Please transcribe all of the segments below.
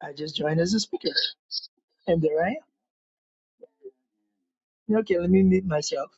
I just joined as a speaker, and there I am. Okay, let me mute myself.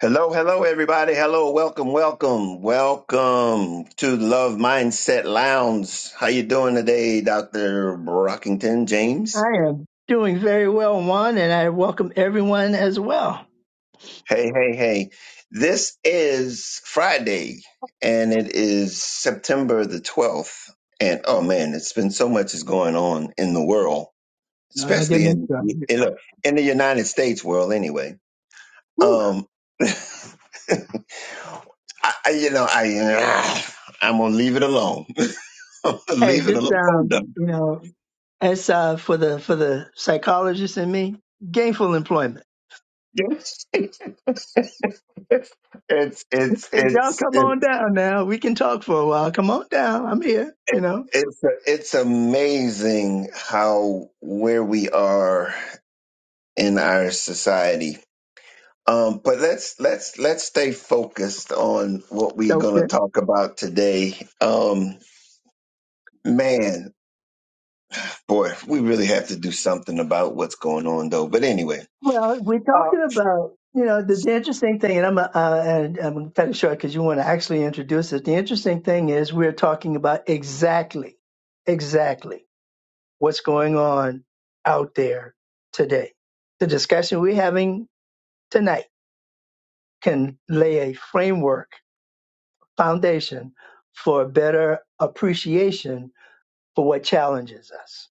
Hello, hello, everybody. Hello, welcome, welcome, welcome to Love Mindset Lounge. How you doing today, Dr. Brockington James? I am doing very well, Juan, and I welcome everyone as well. Hey, hey, hey. This is Friday, and it is September the 12th. And oh man, it's been so much is going on in the world, No, don't get especially me in started. in, look, in the United States world. Anyway, Whew. um, I, I- you know, I ah, I'm gonna leave it alone. Hey, Leave it just alone. um, you know, as uh, for the for the psychologist and me, gainful employment. Yes. it's it's it's If y'all come on it's down now, we can talk for a while. Come on down. I'm here. You know. it's it's amazing how where we are in our society. Um, but let's let's let's stay focused on what we're going to okay. talk about today. Um, man, boy, we really have to do something about what's going on, though. But anyway, Well, we're talking about you know the, the interesting thing, and I'm uh, and I'm cutting short because you want to actually introduce it. The interesting thing is we're talking about exactly, exactly what's going on out there today. The discussion we're having tonight can lay a framework, foundation for a better appreciation for what challenges us,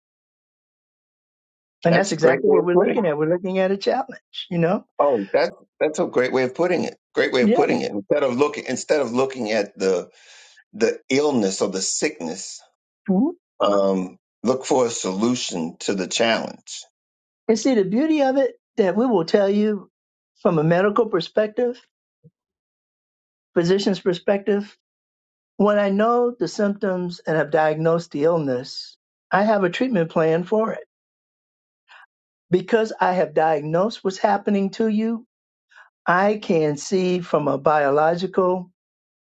and that's that's a great exactly way what of we're putting. it. looking at. We're looking at a challenge, you know. Oh, that's that's a great way of putting it. Great way of Yeah. putting it. Instead of looking instead of looking at the the illness or the sickness, um, look for a solution to the challenge. And see, the beauty of it that we will tell you from a medical perspective, physician's perspective, when I know the symptoms and have diagnosed the illness, I have a treatment plan for it. Because I have diagnosed what's happening to you, I can see from a biological,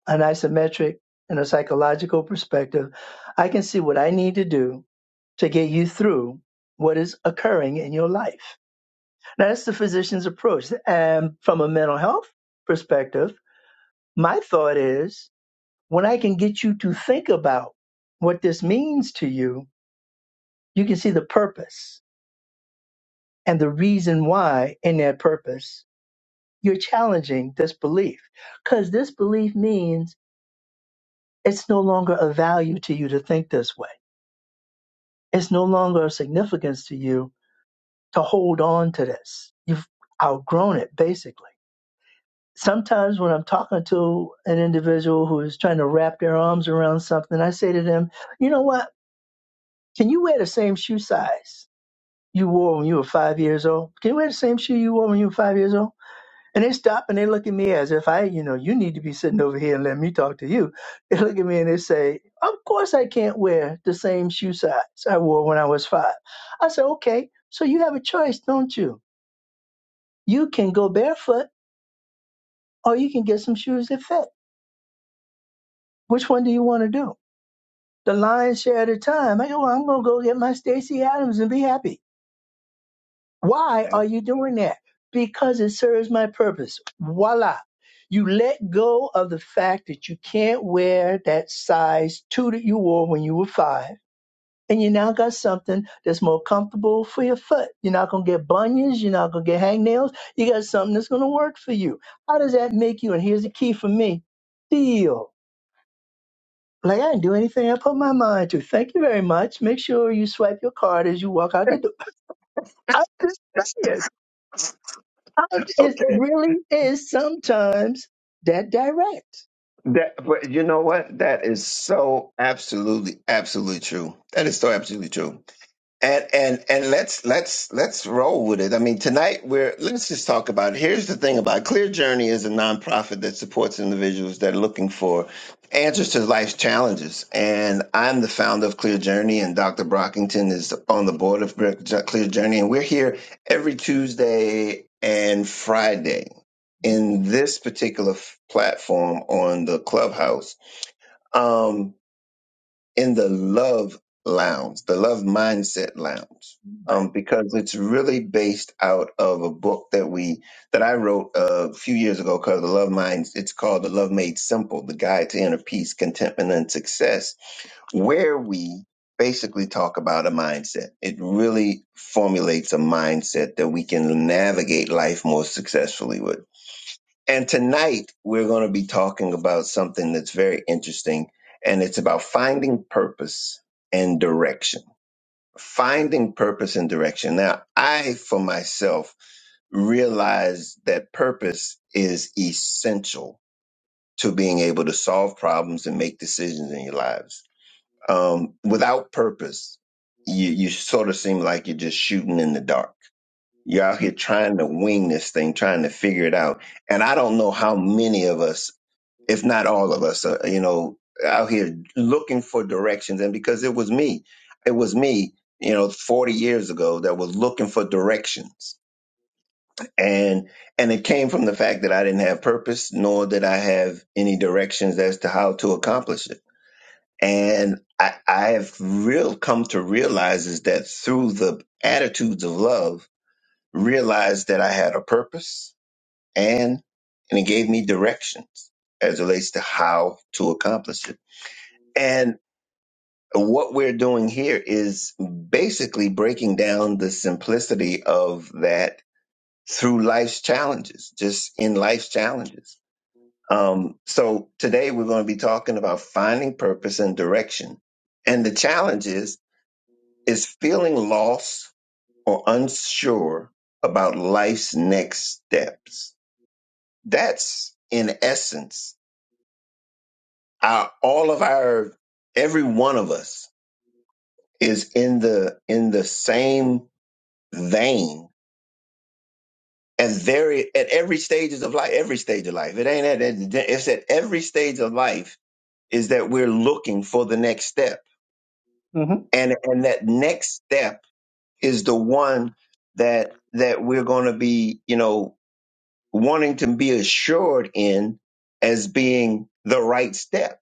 an isometric, and a psychological perspective, I can see what I need to do to get you through what is occurring in your life. That's the physician's approach. And from a mental health perspective, my thought is when I can get you to think about what this means to you, you can see the purpose and the reason why in that purpose you're challenging this belief. Because this belief means it's no longer a value to you to think this way, it's no longer a significance to you to hold on to this. You've outgrown it, basically. sometimes when I'm talking to an individual who is trying to wrap their arms around something, I say to them, you know what? Can you wear the same shoe size you wore when you were five years old? Can you wear the same shoe you wore when you were five years old? And they stop and they look at me as if I, you know, you need to be sitting over here and let me talk to you. They look at me and they say, Of course I can't wear the same shoe size I wore when I was five. I say, Okay, so you have a choice, don't you? You can go barefoot or you can get some shoes that fit. Which one do you want to do? the lion's share of the time. I go, well, I'm going to go get my Stacey Adams and be happy. Why Yeah. are you doing that? Because it serves my purpose. Voila. You let go of the fact that you can't wear that size two that you wore when you were five. And you now got something that's more comfortable for your foot. You're not going to get bunions. You're not going to get hangnails. You got something that's going to work for you. How does that make you? And here's the key for me feel. Like I didn't do anything I put my mind to. Thank you very much. Make sure you swipe your card as you walk out the door. I'm just saying. I'm- It Okay. really is sometimes that direct. That but you know what? That is so absolutely, absolutely true. That is so absolutely true. And and and let's let's let's roll with it. I mean, tonight we're let's just talk about. It. Here's the thing about Clear Journey is a nonprofit that supports individuals that are looking for answers to life's challenges. And I'm the founder of Clear Journey, and Dr. Brockington is on the board of Clear Clear Journey, and we're here every Tuesday and Friday in this particular f- platform on the Clubhouse. Um, in the love lounge, the love mindset lounge, um, Right. because it's really based out of a book that we that I wrote uh, a few years ago called The Love mind, It's called The Love Made Simple: The Guide to Inner Peace, Contentment, and Success, where we basically talk about a mindset. It really formulates a mindset that we can navigate life more successfully with. And tonight we're going to be talking about something that's very interesting, and it's about finding purpose and direction. Finding purpose and direction. Now, I, for myself, realize that purpose is essential to being able to solve problems and make decisions in your lives. Um, without purpose, you, you sort of seem like you're just shooting in the dark. You're out here trying to wing this thing, trying to figure it out. And I don't know how many of us if not all of us, uh, you know, out here looking for directions. And because it was me, it was me, you know, 40 years ago that was looking for directions. And, and it came from the fact that I didn't have purpose, nor did I have any directions as to how to accomplish it. And I, I have real come to realize is that through the attitudes of love, realized that I had a purpose and, and it gave me directions as it relates to how to accomplish it and what we're doing here is basically breaking down the simplicity of that through life's challenges, just in life's challenges. Um, so today we're going to be talking about finding purpose and direction. And the challenge is, is feeling lost or unsure about life's next steps. That's in essence, our, all of our, every one of us is in the, in the same vain at very at every stages of life every stage of life it ain't at at- it's at every stage of life is that we're looking for the next step Mm-hmm. and and that next step is the one that that we're going to be you know wanting to be assured in as being the right step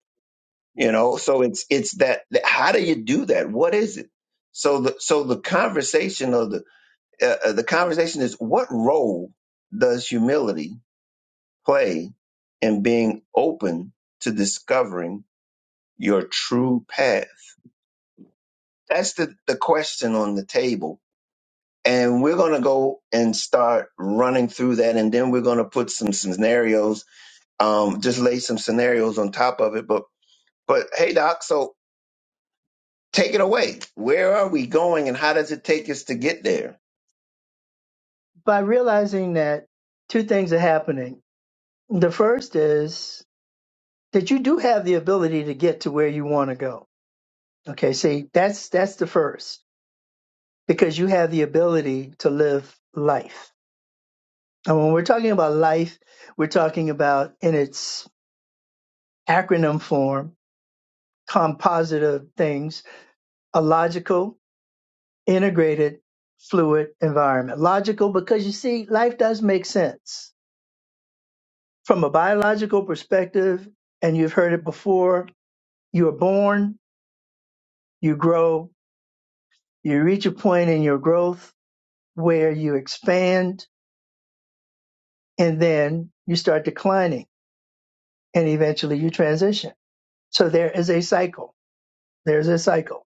you Yeah. know so it's it's that how do you do that what is it so the so the conversation of the uh, uh, the conversation is what role does humility play and being open to discovering your true path. That's the, the question on the table. And we're going to go and start running through that. And then we're going to put some scenarios, um, just lay some scenarios on top of it. But, but hey, Doc, so take it away. Where are we going and how does it take us to get there? By realizing that two things are happening. The first is that you do have the ability to get to where you want to go. Okay. See, that's that's the first because you have the ability to live life. And when we're talking about life, we're talking about in its acronym form, compositive things, a logical, integrated, fluid environment. Logical because you see, life does make sense from a biological perspective, and you've heard it before. You are born, you grow, you reach a point in your growth where you expand, and then you start declining, and eventually you transition. So there is a cycle. There's a cycle.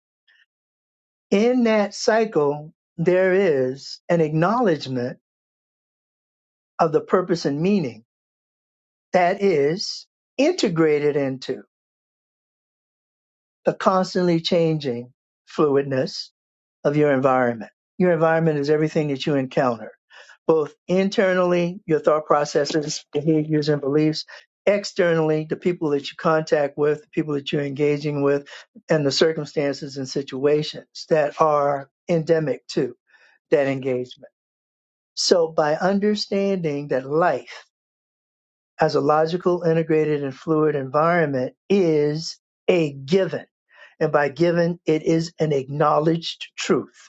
In that cycle, there is an acknowledgement of the purpose and meaning that is integrated into the constantly changing fluidness of your environment. Your environment is everything that you encounter, both internally, your thought processes, behaviors, and beliefs, externally, the people that you contact with, the people that you're engaging with, and the circumstances and situations that are endemic to that engagement. So by understanding that life as a logical, integrated, and fluid environment is a given. And by given, it is an acknowledged truth.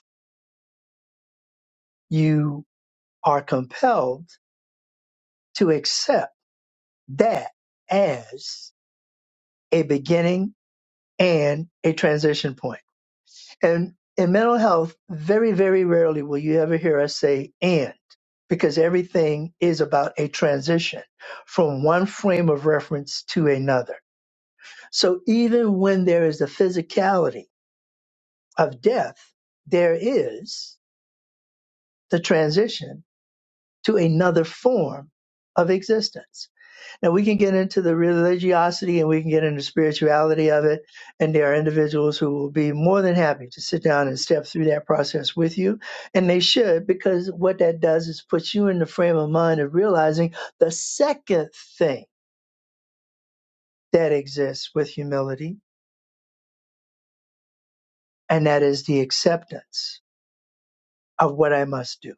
You are compelled to accept that as a beginning and a transition point. And in mental health, very, very rarely will you ever hear us say and, because everything is about a transition from one frame of reference to another So even when there is the physicality of death, there is the transition to another form of existence. Now we can get into the religiosity and we can get into spirituality of it. And there are individuals who will be more than happy to sit down and step through that process with you. And they should, because what that does is puts you in the frame of mind of realizing the second thing that exists with humility, and that is the acceptance of what I must do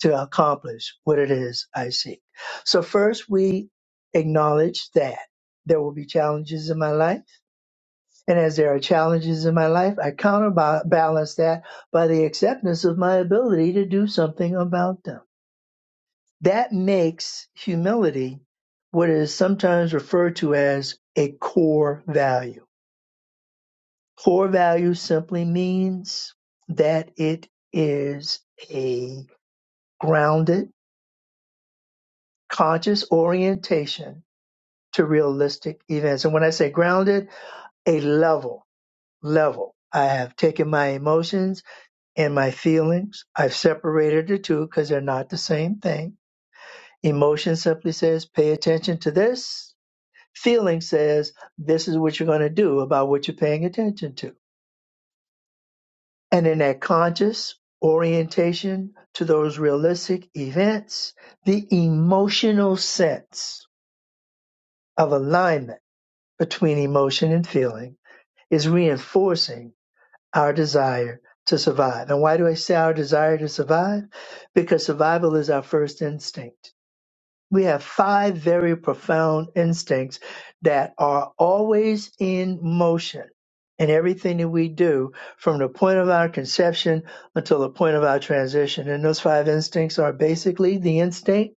to accomplish what it is I seek. So first we acknowledge that there will be challenges in my life. And as there are challenges in my life, I counterbalance that by the acceptance of my ability to do something about them. That makes humility what is sometimes referred to as a core value. Core value simply means that it is a grounded, conscious orientation to realistic events. And when I say grounded, a level, level. I have taken my emotions and my feelings. I've separated the two because they're not the same thing. Emotion simply says, pay attention to this. Feeling says, this is what you're going to do about what you're paying attention to. And in that conscious orientation to those realistic events, the emotional sense of alignment between emotion and feeling is reinforcing our desire to survive. And why do I say our desire to survive? Because survival is our first instinct. We have five very profound instincts that are always in motion in everything that we do from the point of our conception until the point of our transition. And those five instincts are basically the instinct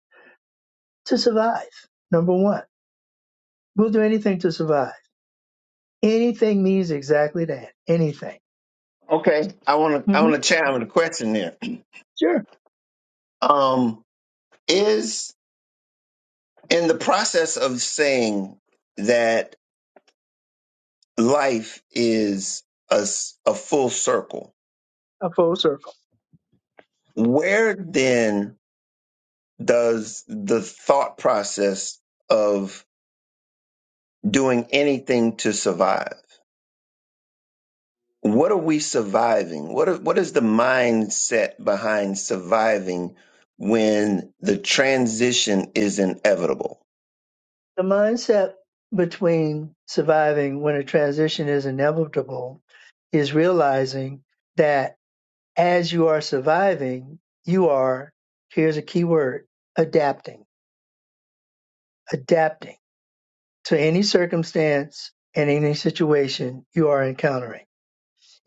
to survive. Number one, we'll do anything to survive. Anything means exactly that. Anything. Okay. I want to, I hmm want to chime with a question there. Sure. Um, is in the process of saying that life is a, s- a full circle. A full circle. Where then does the thought process of doing anything to survive? What are we surviving? What are, what is the mindset behind surviving when the transition is inevitable? The mindset between surviving when a transition is inevitable is realizing that as you are surviving, you are, here's a key word, adapting, adapting to any circumstance and any situation you are encountering.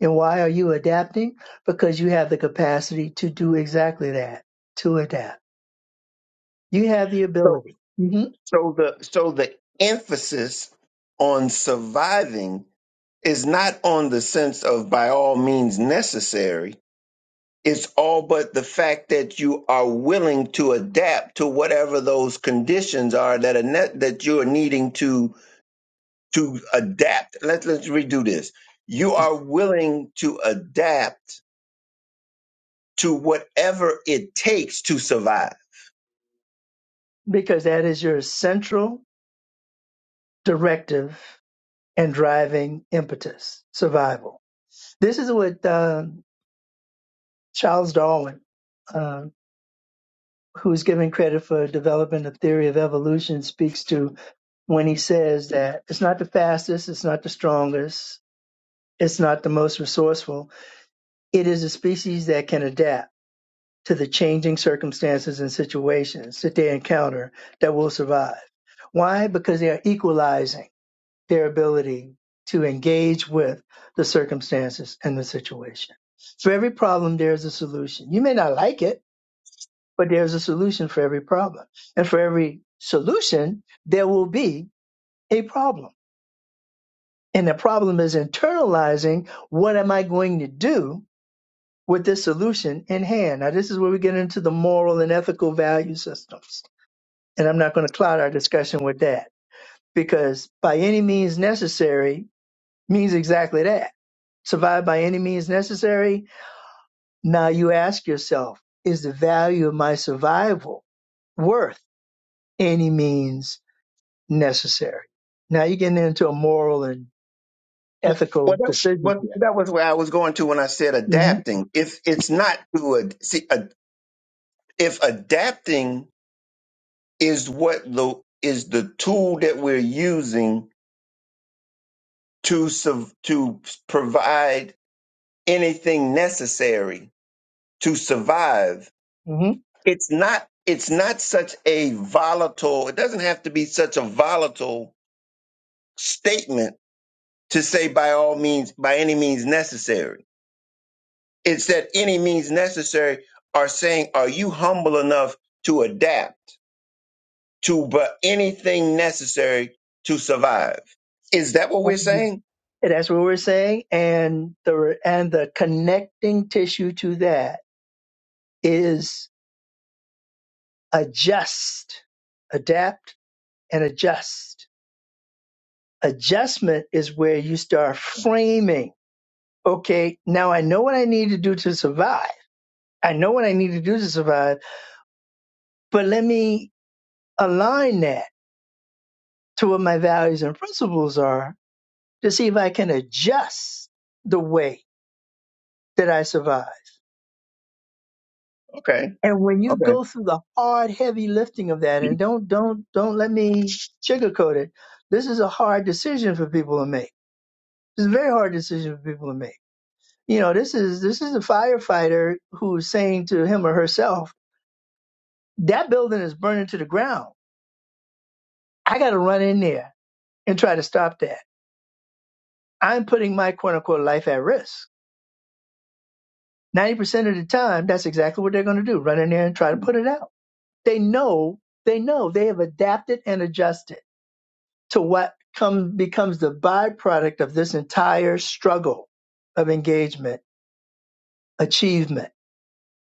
And why are you adapting? Because you have the capacity to do exactly that, to adapt. You have the So ability. Mhm. so the so the emphasis on surviving is not on the sense of by all means necessary It's all but the fact that you are willing to adapt to whatever those conditions are that are net, that you are needing to to adapt. Let's let's redo this. You are willing to adapt to whatever it takes to survive. Because that is your central directive and driving impetus, survival. This is what uh, Charles Darwin, uh, who is given credit for developing the theory of evolution, speaks to when he says that it's not the fastest, it's not the strongest, it's not the most resourceful. It is a species that can adapt to the changing circumstances and situations that they encounter that will survive. Why? Because they are equalizing their ability to engage with the circumstances and the situation. For every problem, there's a solution. You may not like it, but there's a solution for every problem. And for every solution, there will be a problem. And the problem is internalizing what am I going to do with this solution in hand? Now, this is where we get into the moral and ethical value systems. And I'm not going to cloud our discussion with that because by any means necessary means exactly that survive by any means necessary. Now you ask yourself, is the value of my survival worth any means necessary? Now you're getting into a moral and Well, ethical that, decision what, here. that was where I was going to when I said hmm adapting. If it's not to ad, see, ad, if adapting is what the is the tool that we're using to sub, to provide anything necessary to survive. hmm It's not it's not such a volatile, it doesn't have to be such a volatile statement to say by all means, by any means necessary. It's that any means necessary are saying, are you humble enough to adapt to but anything necessary to survive? Is that what we're saying? that's what we're saying. And the, and the connecting tissue to that is adjust, adapt and adjust. Adjustment is where you start framing okay, now I know what I need to do to survive. I know what I need to do to survive, but let me align that to what my values and principles are to see if I can adjust the way that I survive. Okay. And when you Okay. go through the hard, heavy lifting of that, and don't, don't, don't let me sugarcoat it. This is a hard decision for people to make. It's a very hard decision for people to make. You know, this is, this is a firefighter who's saying to him or herself, that building is burning to the ground I got to run in there and try to stop that. I'm putting my quote unquote life at risk. 90% of the time, that's exactly what they're going to do run in there and try to put it out. They know, they know they have adapted and adjusted to what come, becomes the byproduct of this entire struggle of engagement, achievement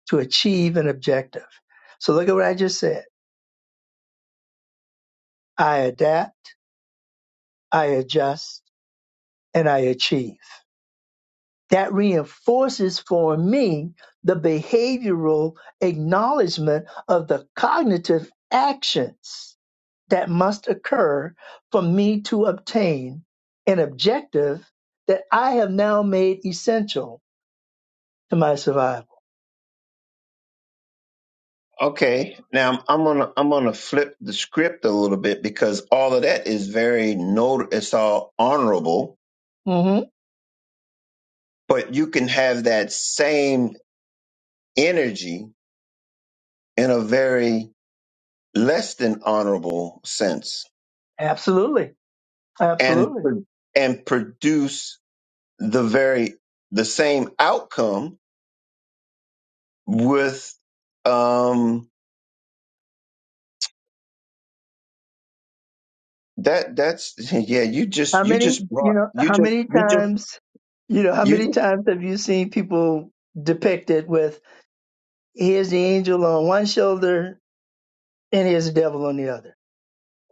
to achieve an objective. So look at what I just said. I adapt, I adjust, and I achieve. that reinforces for me the behavioral acknowledgement of the cognitive actions that must occur for me to obtain an objective that I have now made essential to my survival. Okay, now I'm gonna I'm gonna flip the script a little bit because all of that is very not it's all honorable, hmm but you can have that same energy in a very less than honorable sense Absolutely. and Absolutely. pro- and produce the very the same outcome with um that that's yeah you just How you many, just you brought know, you how just many you just times, you know, how you many just times have you seen people depicted with here's the angel on one shoulder and here's the devil on the other?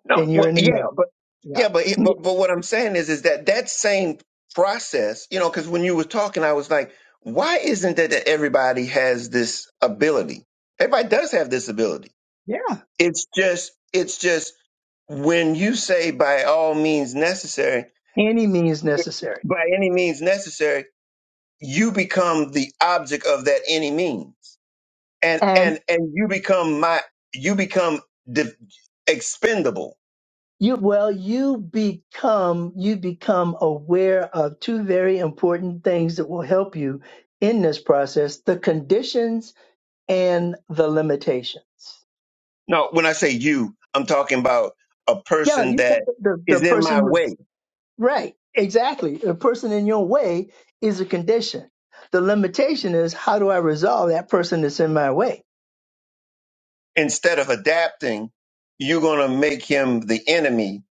No, and you're well, in the yeah, middle. but Yeah. yeah, but yeah, Mm, but but what I'm saying is, is that that same process, you know, because when you were talking, I was like, why isn't it that everybody has this ability? Everybody does have this ability. Yeah. It's just, it's just when you say by all means necessary, Any means necessary. by any means necessary, you become the object of that any means, and and And and you become my, you become de- expendable you well, you become you become aware of two very important things that will help you in this process, the conditions and the limitations. No, when I say you, I'm talking about a Yeah, person you the, that the the is in person my who is way. Right, exactly. A person in your way is a condition. The limitation is how do I resolve that person that's in my way? Instead of adapting, you're going to make him the enemy.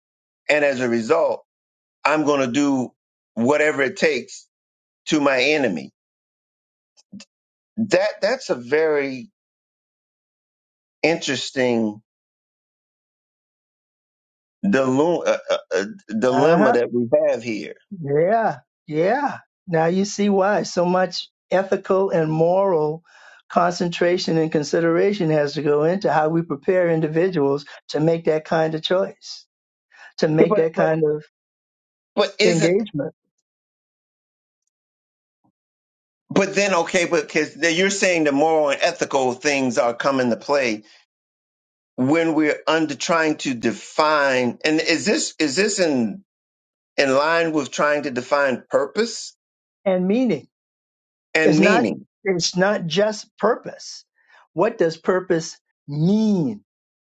And as a result, I'm going to do whatever it takes to my enemy. That that's a very interesting dilu- uh, uh, uh, Uh huh. dilemma that we have here. Yeah, yeah. Now you see why so much ethical and moral concentration and consideration has to go into how we prepare individuals to make that kind of choice, to Yeah, make But that but kind of but isn't engagement but then okay? but Because you're saying the moral and ethical things are come into play when we're under trying to define and is this is this in in line with trying to define purpose and meaning. and It's not meaning it's not just purpose. What does purpose mean?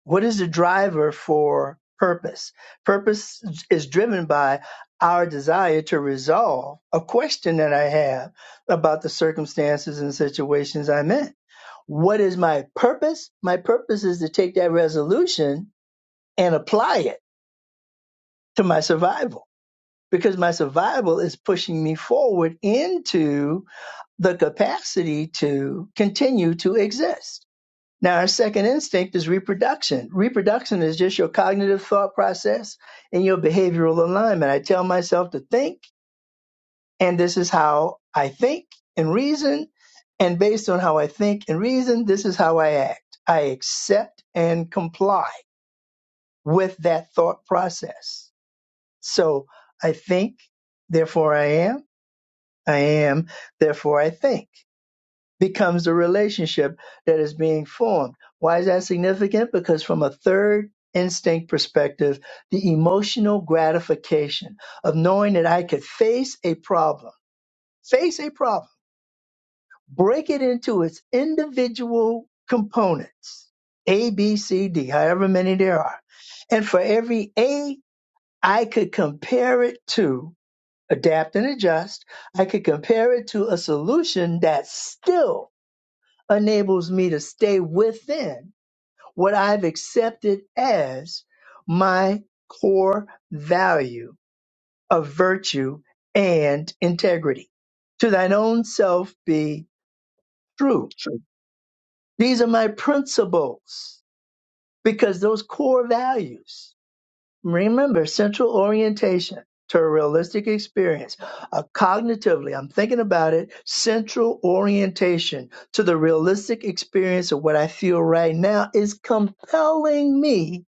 what is the driver for purpose? Purpose is driven by our desire to resolve a question that I have about the circumstances and situations I'm in. What is my purpose? My purpose is to take that resolution and apply it to my survival because my survival is pushing me forward into the capacity to continue to exist. Now, our second instinct is reproduction. Reproduction is just your cognitive thought process and your behavioral alignment. I tell myself to think, and this is how I think and reason. And based on how I think and reason, this is how I act. I accept and comply with that thought process. So I think, therefore I am. I am, therefore I think. becomes the relationship that is being formed. Why is that significant? Because from a third instinct perspective, the emotional gratification of knowing that I could face a problem, face a problem, break it into its individual components, A, B, C, D, however many there are. And for every A, I could compare it to adapt and adjust. I could compare it to a solution that still enables me to stay within what I've accepted as my core value of virtue and integrity. To thine own self be true. These are my principles because those core values Remember central orientation to a realistic experience. Uh, cognitively, I'm thinking about it, central orientation to the realistic experience of what I feel right now is compelling me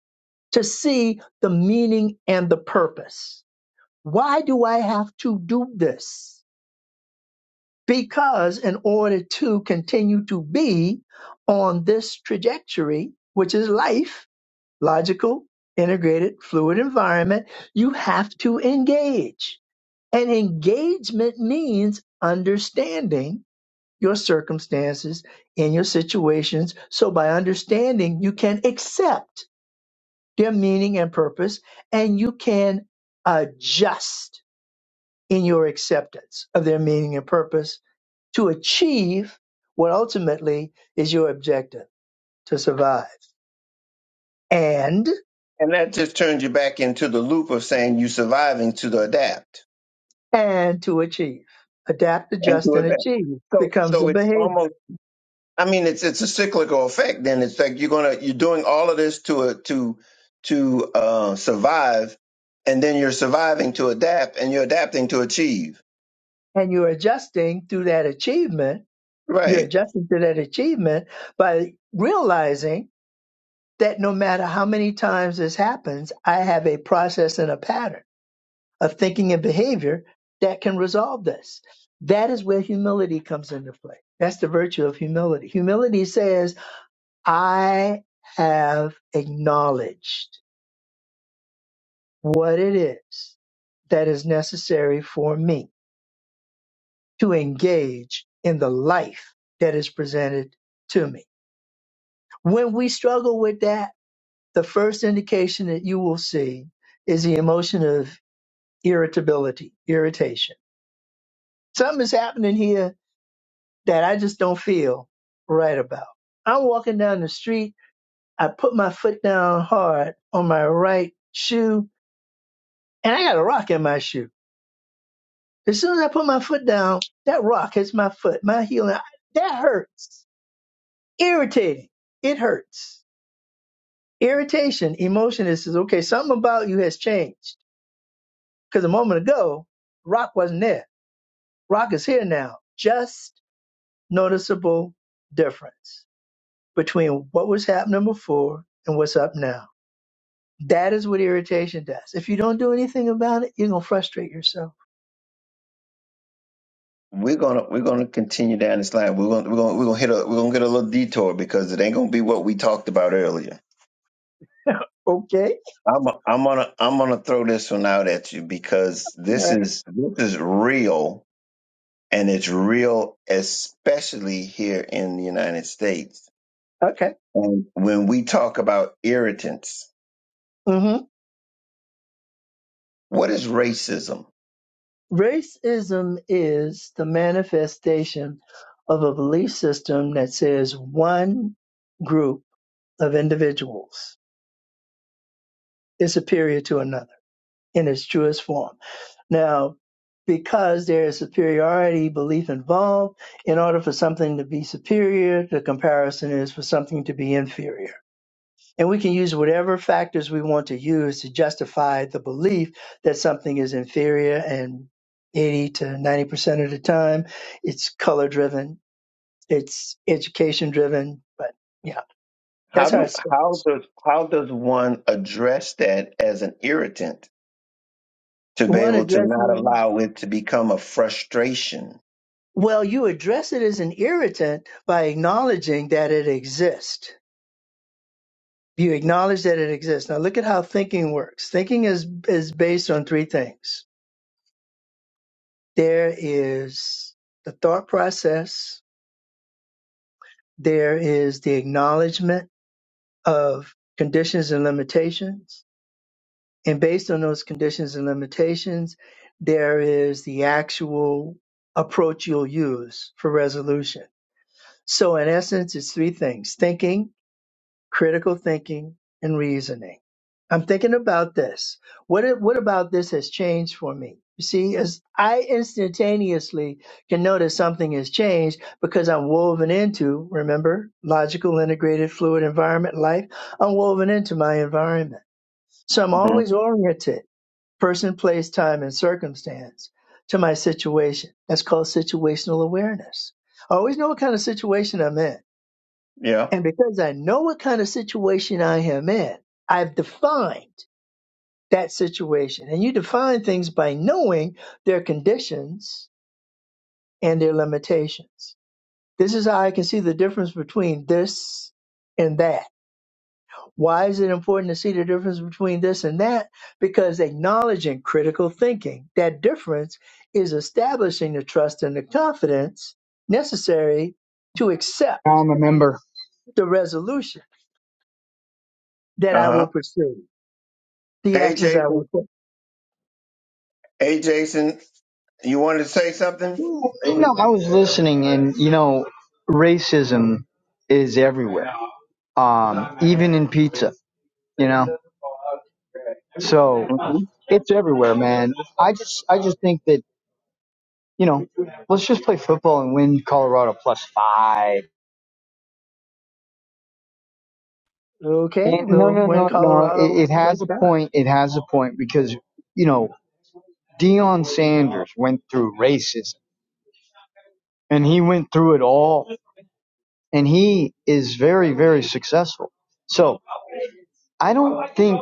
to see the meaning and the purpose. Why do I have to do this? Because in order to continue to be on this trajectory, which is life, logical, integrated, fluid environment, you have to engage. And engagement means understanding your circumstances and your situations. So by understanding, you can accept their meaning and purpose, and you can adjust in your acceptance of their meaning and purpose to achieve what ultimately is your objective to survive. And and that just turns you back into the loop of saying you surviving to the adapt and to achieve. Adapt, and to adjust, and adapt achieve so becomes so a it's behavior. almost i mean it's it's a cyclical effect then it's like you're gonna you're doing all of this to uh, to to uh survive and then you're surviving to adapt and you're adapting to achieve And you're adjusting through that achievement. You're right adjusting to that achievement by realizing that no matter how many times this happens, I have a process and a pattern of thinking and behavior that can resolve this. That is where humility comes into play. That's the virtue of humility. Humility says, I have acknowledged what it is that is necessary for me to engage in the life that is presented to me. When we struggle with that, the first indication that you will see is the emotion of irritability, irritation. Something is happening here that I just don't feel right about. I'm walking down the street. I put my foot down hard on my right shoe and I got a rock in my shoe. As soon as I put my foot down, that rock hits my foot, my heel. and I- That hurts. Irritating. It hurts Irritation, emotion is says, okay, something about you has changed. Because a moment ago, rock wasn't there. Rock is here now. Just noticeable difference between what was happening before and what's up now. That is what irritation does. If you don't do anything about it, you're gonna frustrate yourself. we're gonna we're gonna continue down this line. We're gonna we're gonna we're gonna hit a we're gonna get a little detour because it ain't gonna be what we talked about earlier. Okay. I'm I'm gonna I'm gonna throw this one out at you because All this right. is this is real and it's real especially here in the United States. Okay. And when we talk about irritants, hmm what is racism? Racism is the manifestation of a belief system that says one group of individuals is superior to another in its truest form. Now, because there is superiority belief involved, in order for something to be superior, the comparison is for something to be inferior. And we can use whatever factors we want to use to justify the belief that something is inferior and 80 to 90% of the time it's color driven, it's education driven, but yeah, How that's how it do how starts. does how does one address that as an irritant to be One able to not addresses. allow it to become a frustration? Well, you address it as an irritant by acknowledging that it exists. You acknowledge that it exists. Now look at how thinking works. Thinking is is based on three things. There is the thought process, there is the acknowledgement of conditions and limitations, and based on those conditions and limitations, there is the actual approach you'll use for resolution. So in essence, it's three things. Thinking critical thinking and reasoning. I'm thinking about this. What it- what about this has changed for me? You see, as I instantaneously can notice something has changed because I'm woven into, remember, logical, integrated, fluid environment life. I'm woven into my environment. So I'm Mm-hmm. always oriented, person, place, time, and circumstance to my situation. That's called situational awareness. I always know what kind of situation I'm in. Yeah. And because I know what kind of situation I am in, I've defined that situation. And you define things by knowing their conditions and their limitations. This is how I can see the difference between this and that. Why is it important to see the difference between this and that? Because acknowledging critical thinking, that difference is establishing the trust and the confidence necessary to accept I remember. the resolution that Uh I huh. will pursue. the Hey, actions I Jason. would put. Hey, Jason. You wanted to say something? No, I was listening, and you know, racism is everywhere. Um, even in pizza, you know. So hmm it's everywhere, man. I just, I just think that you know, let's just play football and win Colorado plus five. Okay, And no, well, no, when no, no. Colorado It, it has lets a down. point. It has a point because you know Deion Sanders went through racism, and he went through it all, and he is very, very successful. So I don't think.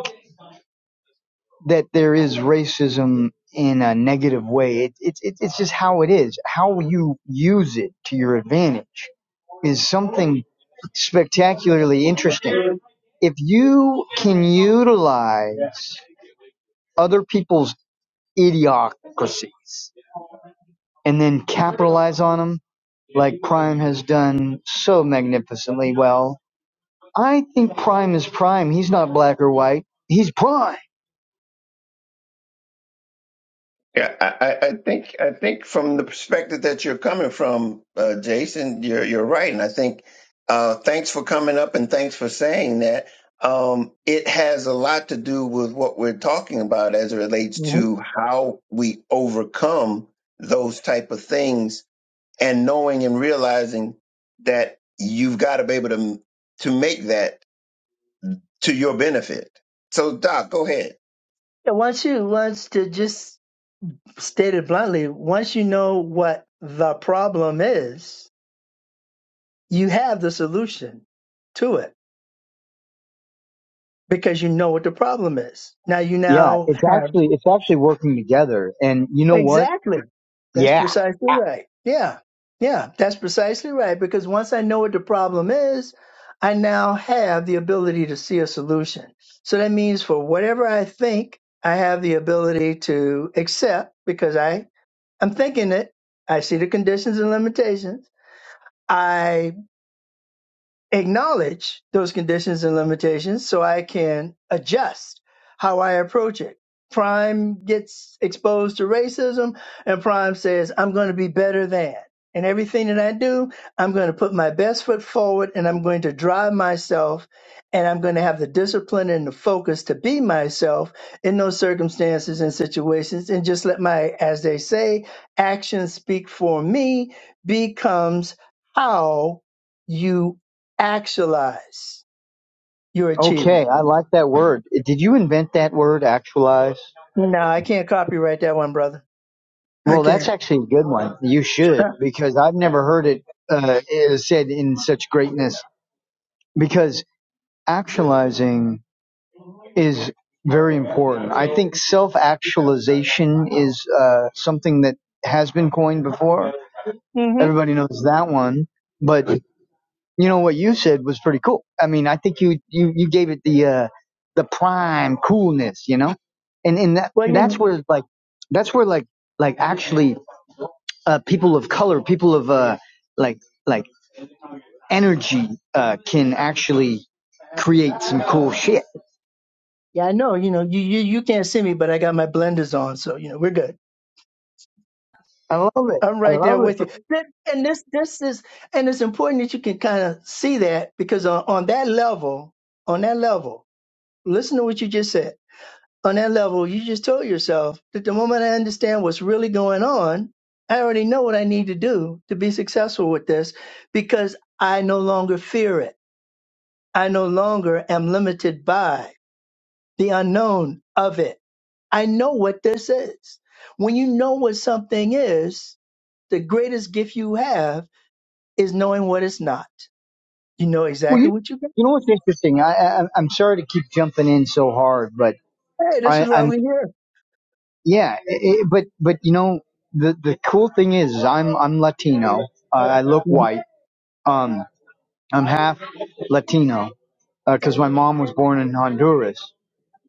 that there is racism in a negative way. It, it, it, it's just how it is. How you use it to your advantage is something spectacularly interesting. If you can utilize other people's idiocracies and then capitalize on them, like Prime has done so magnificently well, I think Prime is Prime. He's not black or white. He's Prime. Yeah, I, I I think I think from the perspective that you're coming from, uh, Jason, you're you're right, and I think uh, thanks for coming up and thanks for saying that. Um, it has a lot to do with what we're talking about as it relates hmm to how we overcome those type of things, and knowing and realizing that you've got to be able to to make that. to your benefit. So, Doc, go ahead. And once you, once to just state it bluntly, once you know what the problem is, you have the solution to it because you know what the problem is. Now you Yeah, now it's have actually it's actually working together. And you know what? Exactly. That's Yeah. precisely right. Yeah. Yeah. That's precisely right. Because once I know what the problem is, I now have the ability to see a solution. So that means for whatever I think, I have the ability to accept because I, I'm thinking it. I see the conditions and limitations. I acknowledge those conditions and limitations so I can adjust how I approach it. Prime gets exposed to racism, and Prime says, I'm going to be better than. And everything that I do, I'm going to put my best foot forward and I'm going to drive myself and I'm going to have the discipline and the focus to be myself in those circumstances and situations and just let my, as they say, actions speak for me becomes how you Actualize your Okay. achievement. I like that word. Did you invent that word, actualize? No, I can't copyright that one, brother. I Well, that's can't. actually a good one. You should, because I've never heard it uh, eh, said in such greatness. Because actualizing is very important. I think self actualization is uh, something that has been coined before. hmm Everybody knows that one. But you know what you said was pretty cool. I mean, I think you you you gave it the uh the prime coolness, you know, and and that Well, you that's know, where like that's where like like actually uh people of color, people of uh like like energy uh can actually create some cool shit. yeah, I know. You know, you, you you can't see me, but I got my blenders on, so you know we're good. I love it. I'm I right there love with you. it. Th- And this this is and it's important that you can kind of see that because on, on that level, on that level, listen to what you just said on that level, you just told yourself that the moment I understand what's really going on, I already know what I need to do to be successful with this because I no longer fear it. I no longer am limited by the unknown of it. I know what this is. When you know what something is, the greatest gift you have is knowing what it's not. You know Well, exactly you what you got. you know what's interesting? I, I I'm sorry to keep jumping in so hard, but Hey, this I is why I'm we're here. Yeah, i i but but you know the the cool thing is is I'm I'm Latino. Uh, I look white. Um, I'm half Latino because my mom was born in Honduras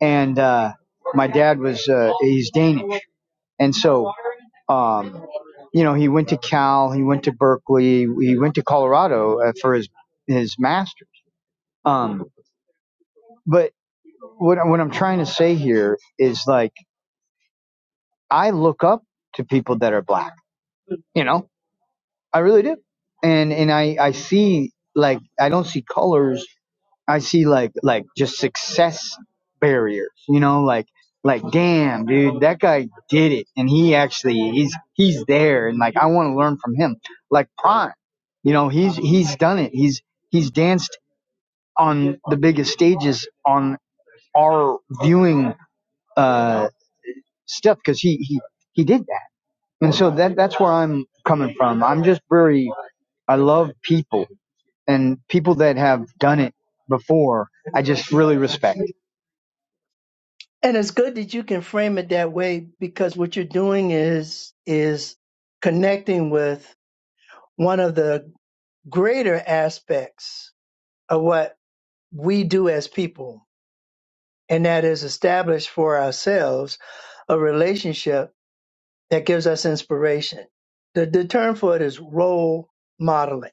and uh, my dad was uh, he's Danish. And so um, you know he went to Cal, he went to Berkeley, he went to Colorado uh, for his his master's. Um, but what what I'm trying to say here is like I look up to people that are black. You know I really do. And and I I see like I don't see colors. I see like like just success barriers. You know, like like damn, dude, that guy did it, and he actually he's he's there, and like I want to learn from him. Like Prime, you know, he's he's done it. He's he's danced on the biggest stages on our viewing uh stuff because he he he did that. And so that that's where I'm coming from. I'm just very I love people and people that have done it before, I just really respect. And it's good that you can frame it that way because what you're doing is is connecting with one of the greater aspects of what we do as people, and that is establish for ourselves a relationship that gives us inspiration. The, the term for it is role modeling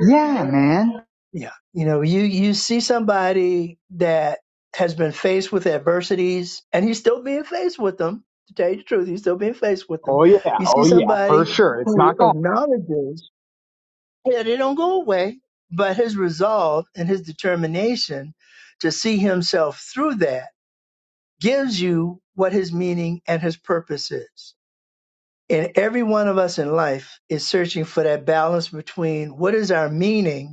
Yeah, man. Yeah. You know, you you see somebody that has been faced with adversities and he's still being faced with them. To tell you the truth, he's still being faced with them. Oh yeah, You see oh yeah, for somebody sure. It's who not gone. acknowledges that it don't go away, but his resolve and his determination to see himself through that gives you what his meaning and his purpose is. And every one of us in life is searching for that balance between what is our meaning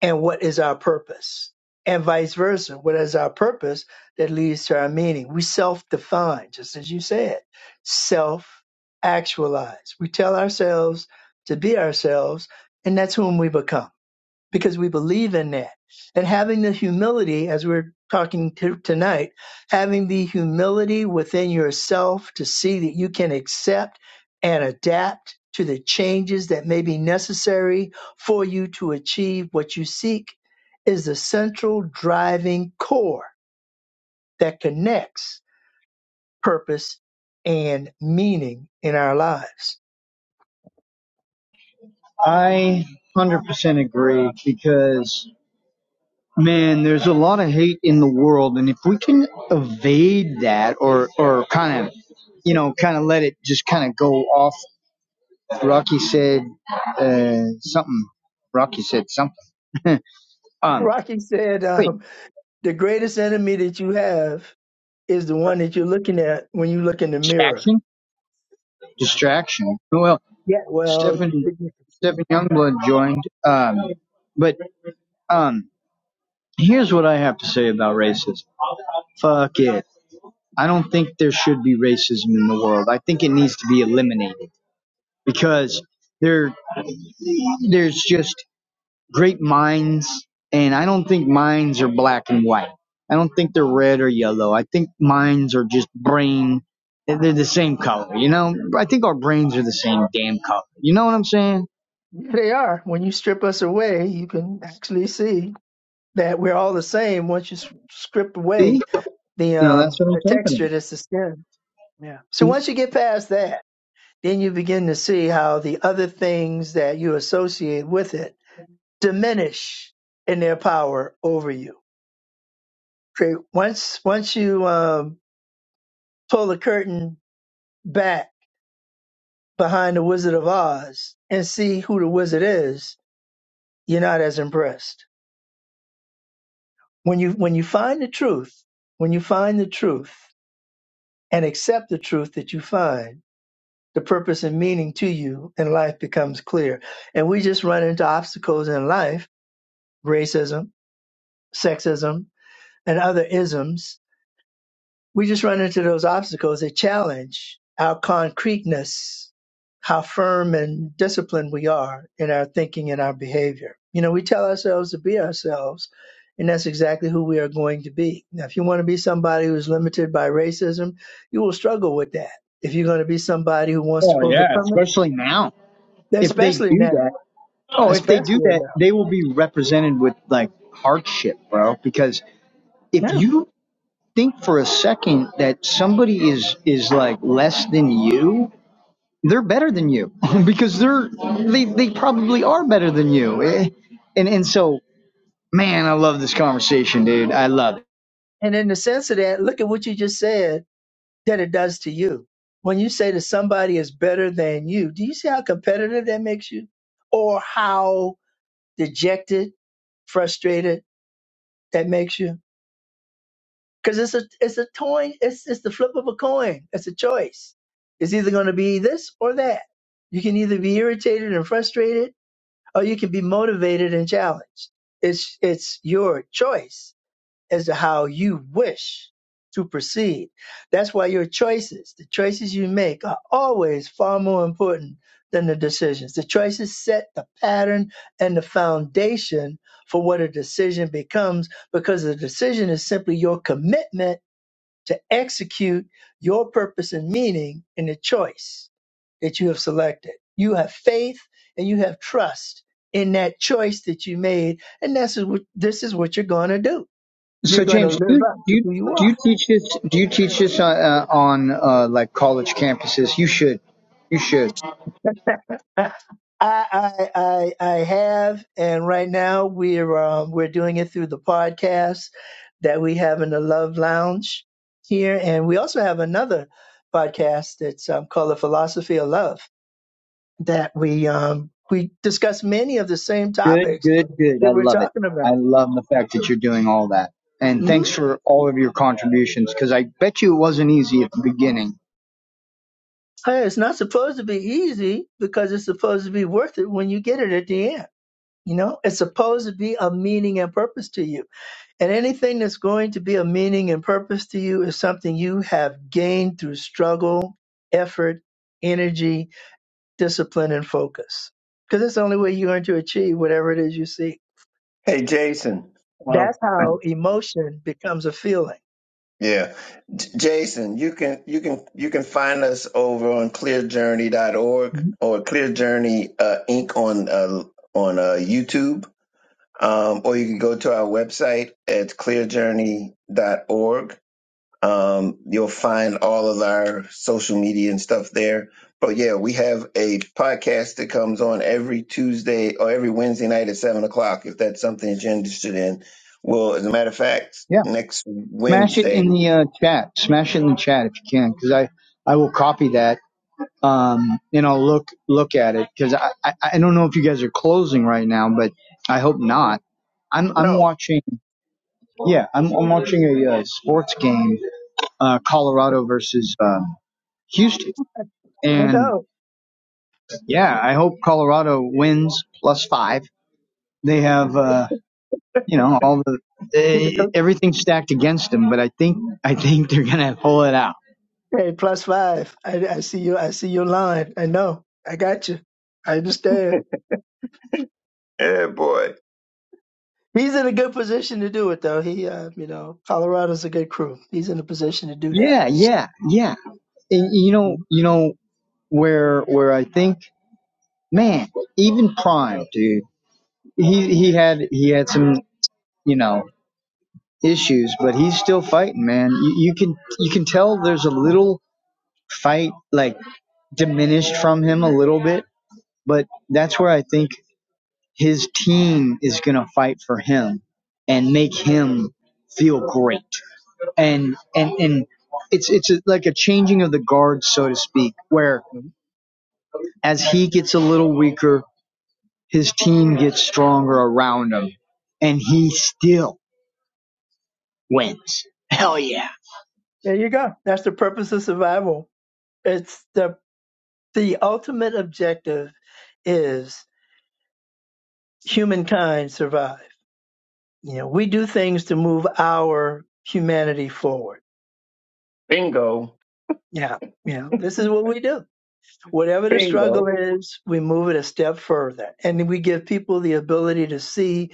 and what is our purpose, and vice versa. What is our purpose that leads to our meaning? We self define, just as you said, self actualize. We tell ourselves to be ourselves, and that's whom we become because we believe in that. And having the humility, as we're talking to tonight, having the humility within yourself to see that you can accept and adapt to the changes that may be necessary for you to achieve what you seek is the central driving core that connects purpose and meaning in our lives. I 100% agree because man, there's a lot of hate in the world and if we can evade that or or kind of you know, kind of let it just kind of go off. Rocky said uh, something. Rocky said something. um, Rocky said, wait, um, the greatest enemy that you have is the one that you're looking at when you look in the mirror. distraction, Yeah. distraction. Well. Yeah. Well, Stephen Stephen Youngblood joined. Um, but um, here's what I have to say about racism. Fuck it. I don't think there should be racism in the world. I think it needs to be eliminated because there there's just great minds, and I don't think minds are black and white. I don't think they're red or yellow. I think minds are just brain. They're the same color, you know. I think our brains are the same damn color. You know what I'm saying? they are. When you strip us away, you can actually see that we're all the same. Once you s- strip See? away the No, that's um what I'm the talking texture about. that's the skin. Yeah. So And once you get past that, then you begin to see how the other things that you associate with it diminish in their power over you. Okay. Once once you um, pull the curtain back behind the Wizard of Oz and see who the wizard is, you're not as impressed. When you when you find the truth, when you find the truth and accept the truth that you find, the purpose and meaning to you and life becomes clear. And we just run into obstacles in life, racism, sexism, and other isms we just run into those obstacles that challenge our concreteness, how firm and disciplined we are in our thinking and our behavior. You know, we tell ourselves to be ourselves, and that's exactly who we are going to be. Now, if you want to be somebody who's limited by racism, you will struggle with that. If you're going to be somebody who wants to Oh yeah, overcome especially now. it, If they especially do now, that, oh, if they do especially that, now. they will be represented with like hardship, bro. Because if Now. you think for a second that somebody is is like less than you, they're better than you because they're they they probably are better than you. Eh, And and so, man, I love this conversation, dude. I love it. And in the sense of that, look at what you just said that it does to you. When you say to somebody is better than you, do you see how competitive that makes you? Or how dejected, frustrated that makes you? Because it's a it's a coin, it's it's the flip of a coin. It's a choice. It's either gonna be this or that. You can either be irritated and frustrated, or you can be motivated and challenged. It's it's your choice as to how you wish to proceed. That's why your choices, the choices you make, are always far more important than the decisions. The choices set the pattern and the foundation for what a decision becomes because the decision is simply your commitment to execute your purpose and meaning in the choice that you have selected. You have faith and you have trust in that choice that you made, and this is what this is what you're going to do you're So going to James, do live you up do to you, who you do you are. teach this? Do you teach this uh, uh, on uh, like college campuses? You should. You should. I, I, I, I have, and right now we're um, we're doing it through the podcast that we have in the Love Lounge here, and we also have another podcast that's um, called the Philosophy of Love that we um, we discuss many of the same Good, topics good, good. that I we're love it. talking I about. love the fact that you're doing all that. And Mhm. thanks for all of your contributions because I bet you it wasn't easy at the beginning. Hey, it's not supposed to be easy because it's supposed to be worth it when you get it at the end. You know, it's supposed to be a meaning and purpose to you And anything that's going to be of meaning and purpose to you is something you have gained through struggle, effort, energy, discipline, and focus. Because it's the only way you're going to achieve whatever it is you seek. Hey, Jason. Um, That's how emotion becomes a feeling. Yeah, J- Jason, you can you can you can find us over on clearjourney.org Mhm. or Clear Journey uh, Inc. on uh, on uh, YouTube, um, or you can go to our website at clear journey dot org. Um, you'll find all of our social media and stuff there. But yeah, we have a podcast that comes on every Tuesday or every Wednesday night at seven o'clock. If that's something that you're interested in, well, as a matter of fact, Yeah. next Smash it Wednesday, in the uh, chat. Smash it in the chat if you can because I, I will copy that um, and I'll look look at it because I, I, I don't know if you guys are closing right now, but I hope not. I'm, I'm no, watching, yeah, I'm, I'm watching a uh, sports game, uh, Colorado versus uh, Houston. I And know. Yeah, I hope Colorado wins plus five. They have, uh, you know, all the they, everything stacked against them, but I think I think they're gonna pull it out. Okay, plus five. I, I see you. I see your line. I know. I got you. I understand. yeah, boy, He's in a good position to do it, though. He, uh, you know, Colorado's a good crew. He's in a position to do that. Yeah, yeah, yeah. And, you know, you know where where I think, man, even Prime, dude, he he had he had some, you know, issues, but he's still fighting, man. You, you can you can tell there's a little fight like diminished from him a little bit, but that's where I think his team is going to fight for him and make him feel great. And and and it's it's a, like a changing of the guard, so to speak, where as he gets a little weaker, his team gets stronger around him, and he still wins. Hell yeah! There you go. That's the purpose of survival. It's the the ultimate objective is humankind survive. You know, we do things to move our humanity forward. bingo, Yeah, you know, this is what we do. Whatever the struggle bingo, is, we move it a step further. And we give people the ability to see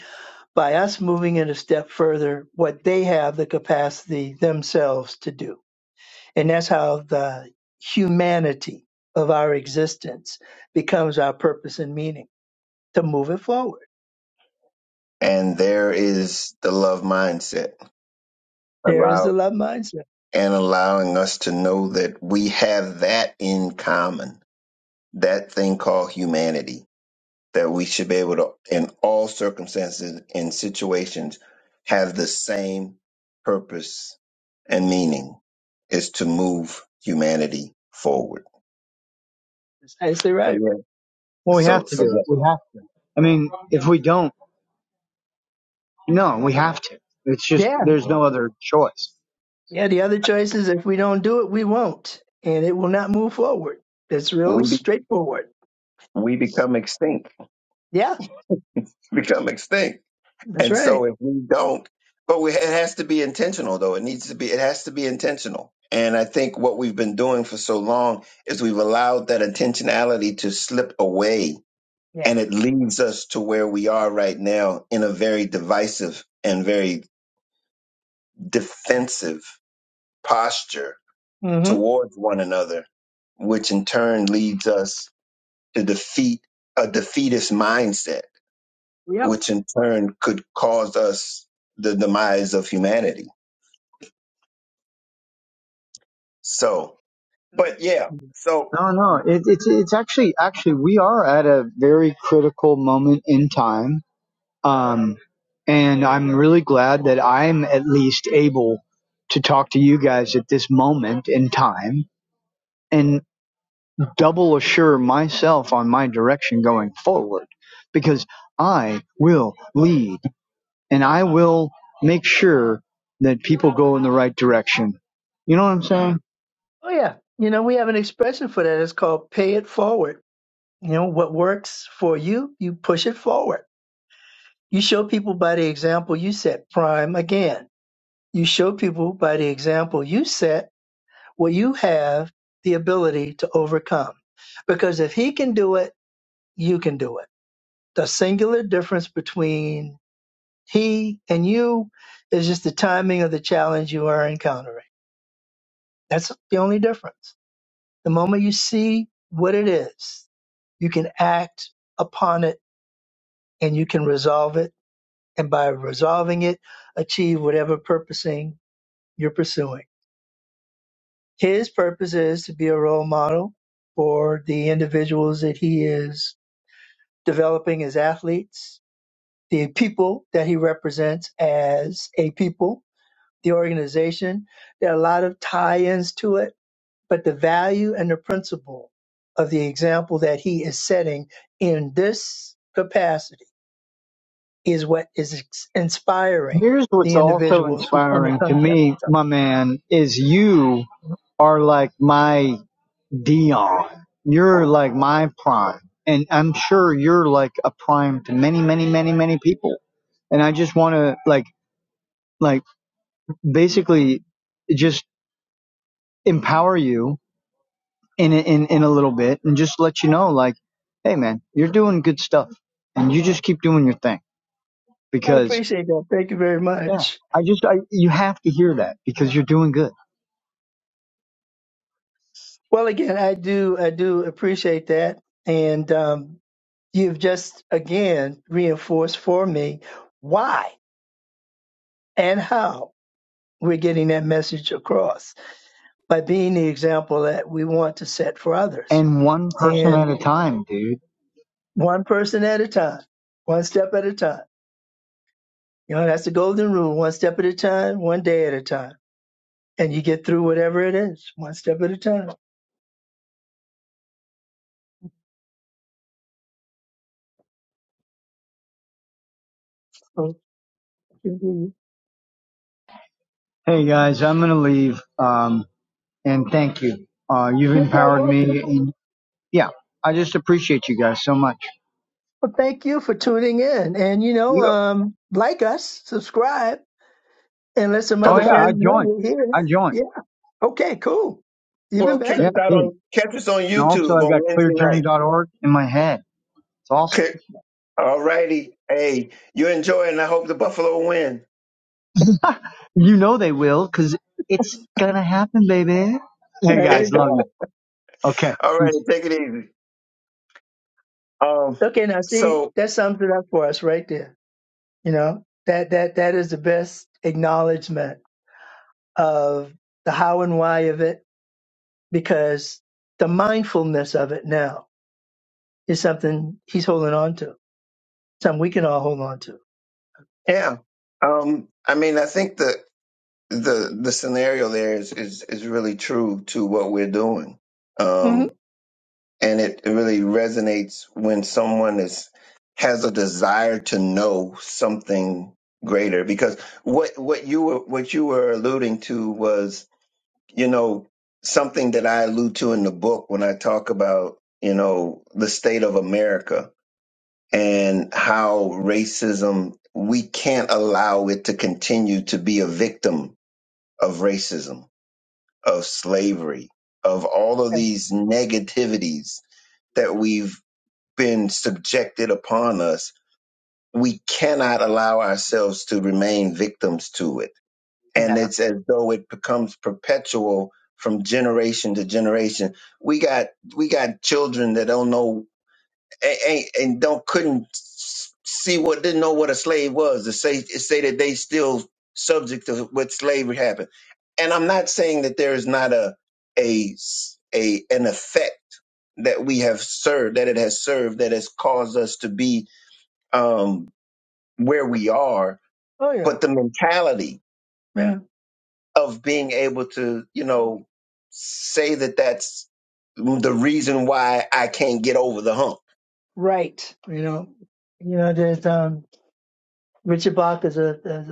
by us moving it a step further what they have the capacity themselves to do. And that's how the humanity of our existence becomes our purpose and meaning to move it forward. and there is the love mindset There is allow the love mindset. and allowing us to know that we have that in common, that thing called humanity that we should be able to, in all circumstances and situations, have the same purpose and meaning is to move humanity forward. That's nicely So right. yeah. Well, we So have to so do it. that We have to. I mean, if we don't, no, we have to. It's just Yeah. there's no other choice. Yeah. The other choice is if we don't do it, we won't, and it will not move forward. It's real we be, straightforward. we become extinct, Yeah. become extinct, That's and so right. if we don't, but we, it has to be intentional though. It needs to be. It has to be intentional. And I think what we've been doing for so long is we've allowed that intentionality to slip away Yeah. and it leads us to where we are right now in a very divisive and very defensive posture hmm towards one another, which in turn leads us to defeat a defeatist mindset, Yep. which in turn could cause us the demise of humanity. So, but yeah, so No, no, it, it's it's actually actually we are at a very critical moment in time, um, and I'm really glad that I'm at least able to talk to you guys at this moment in time and double assure myself on my direction going forward, because I will lead and I will make sure that people go in the right direction. You know what I'm saying? Oh, yeah. You know, we have an expression for that. It's called pay it forward. You know, what works for you, you push it forward You show people by the example you set. Prime again. You show people by the example you set what you have the ability to overcome. Because if he can do it, you can do it. The singular difference between he and you is just the timing of the challenge you are encountering. That's the only difference. The moment you see what it is, you can act upon it and you can resolve it. And by resolving it, achieve whatever purposing you're pursuing. His purpose is to be a role model for the individuals that he is developing as athletes, the people that he represents as a people, the organization. There are a lot of tie ins to it, but the value and the principle of the example that he is setting in this capacity is what is ex- inspiring Here's what's the also individuals who come in inspiring to contact me, with my him. man, is you are like my Dion. You're like my prime. And I'm sure you're like a prime to many, many, many, many people. And I just want to like, like basically just empower you in, in, in a little bit and just let you know, like, Hey man, you're doing good stuff and you just keep doing your thing I because appreciate that. Thank you very yeah, much. I just, I, you have to hear that because you're doing good Well, again, I do I do appreciate that, and um, you've just again reinforced for me why and how we're getting that message across by being the example that we want to set for others, and one person and at a time, dude. one person at a time, one step at a time. You know, that's the golden rule: one step at a time, one day at a time, and you get through whatever it is, one step at a time. So, You're Hey guys, I'm gonna leave. Um, and thank you. Uh, you've empowered welcome. me, and yeah, I just appreciate you guys so much. Well, thank you for tuning in. And, you you know, um, like us, subscribe, and let some Oh other come yeah, back. I friends know joined. we're here. I joined. Yeah. Okay, cool. Even Well, catch Yeah, better. us out dude. on catch us on And also, YouTube I got on Wednesday night. clearjourney.org in my head. It's awesome. All righty, hey, you're enjoying. I hope the Buffalo win. You know they will, cause it's gonna happen, baby. Hey There you guys, love go. you. Okay. All Peace. right, take it easy. Um, Okay, now see, so that sums it up for us right there. You know, that, that, that is the best acknowledgement of the how and why of it because the mindfulness of it now is something he's holding on to, something we can all hold on to. yeah, um, I mean, I think the the the scenario there is is is really true to what we're doing, hmm um, and it, it really resonates when someone is has a desire to know something greater because what what you were what you were alluding to was you know something that I allude to in the book when I talk about you know the state of America and how racism, we can't allow it to continue to be a victim of racism, of slavery, of all of these negativities that we've been subjected upon us. We cannot allow ourselves to remain victims to it. And it's as though it becomes perpetual from generation to generation. We got we got children that don't know and, and, and don't couldn't see what didn't know what a slave was to say say that they still subject to what slavery happened. And I'm not saying that there is not a a s- a an effect that we have served that it has served that has caused us to be um, where we are, Oh, yeah. but the mentality Yeah. of being able to you know say that that's the reason why I can't get over the hump. Right. You know, you know, there's um, Richard Bach is a is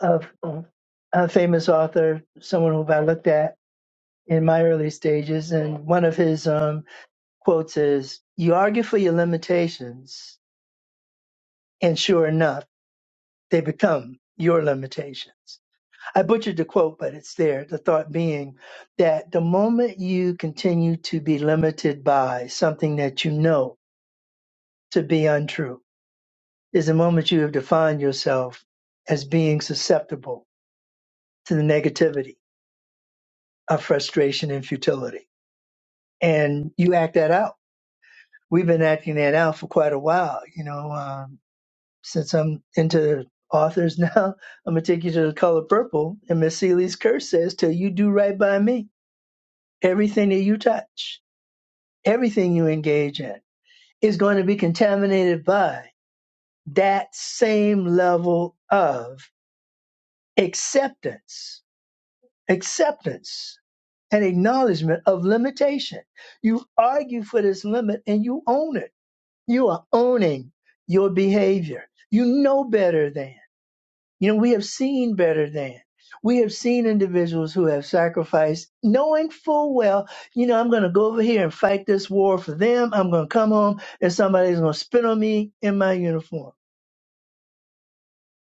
a, a, a famous author, someone who I looked at in my early stages, and one of his um, quotes is, "You argue for your limitations, and sure enough, they become your limitations." I butchered the quote, but it's there. The thought being that the moment you continue to be limited by something that you know to be untrue is the moment you have defined yourself as being susceptible to the negativity of frustration and futility. And you act that out. We've been acting that out for quite a while. You know, um, since I'm into authors now, I'm going to take you to the color purple. And Miss Seeley's curse says, till you do right by me, everything that you touch, everything you engage in is going to be contaminated by that same level of acceptance acceptance and acknowledgement of limitation. You argue for this limit and you own it. You are owning your behavior. You know better than. You know, we have seen better than. We have seen individuals who have sacrificed knowing full well, you know, I'm going to go over here and fight this war for them. I'm going to come home and somebody's going to spit on me in my uniform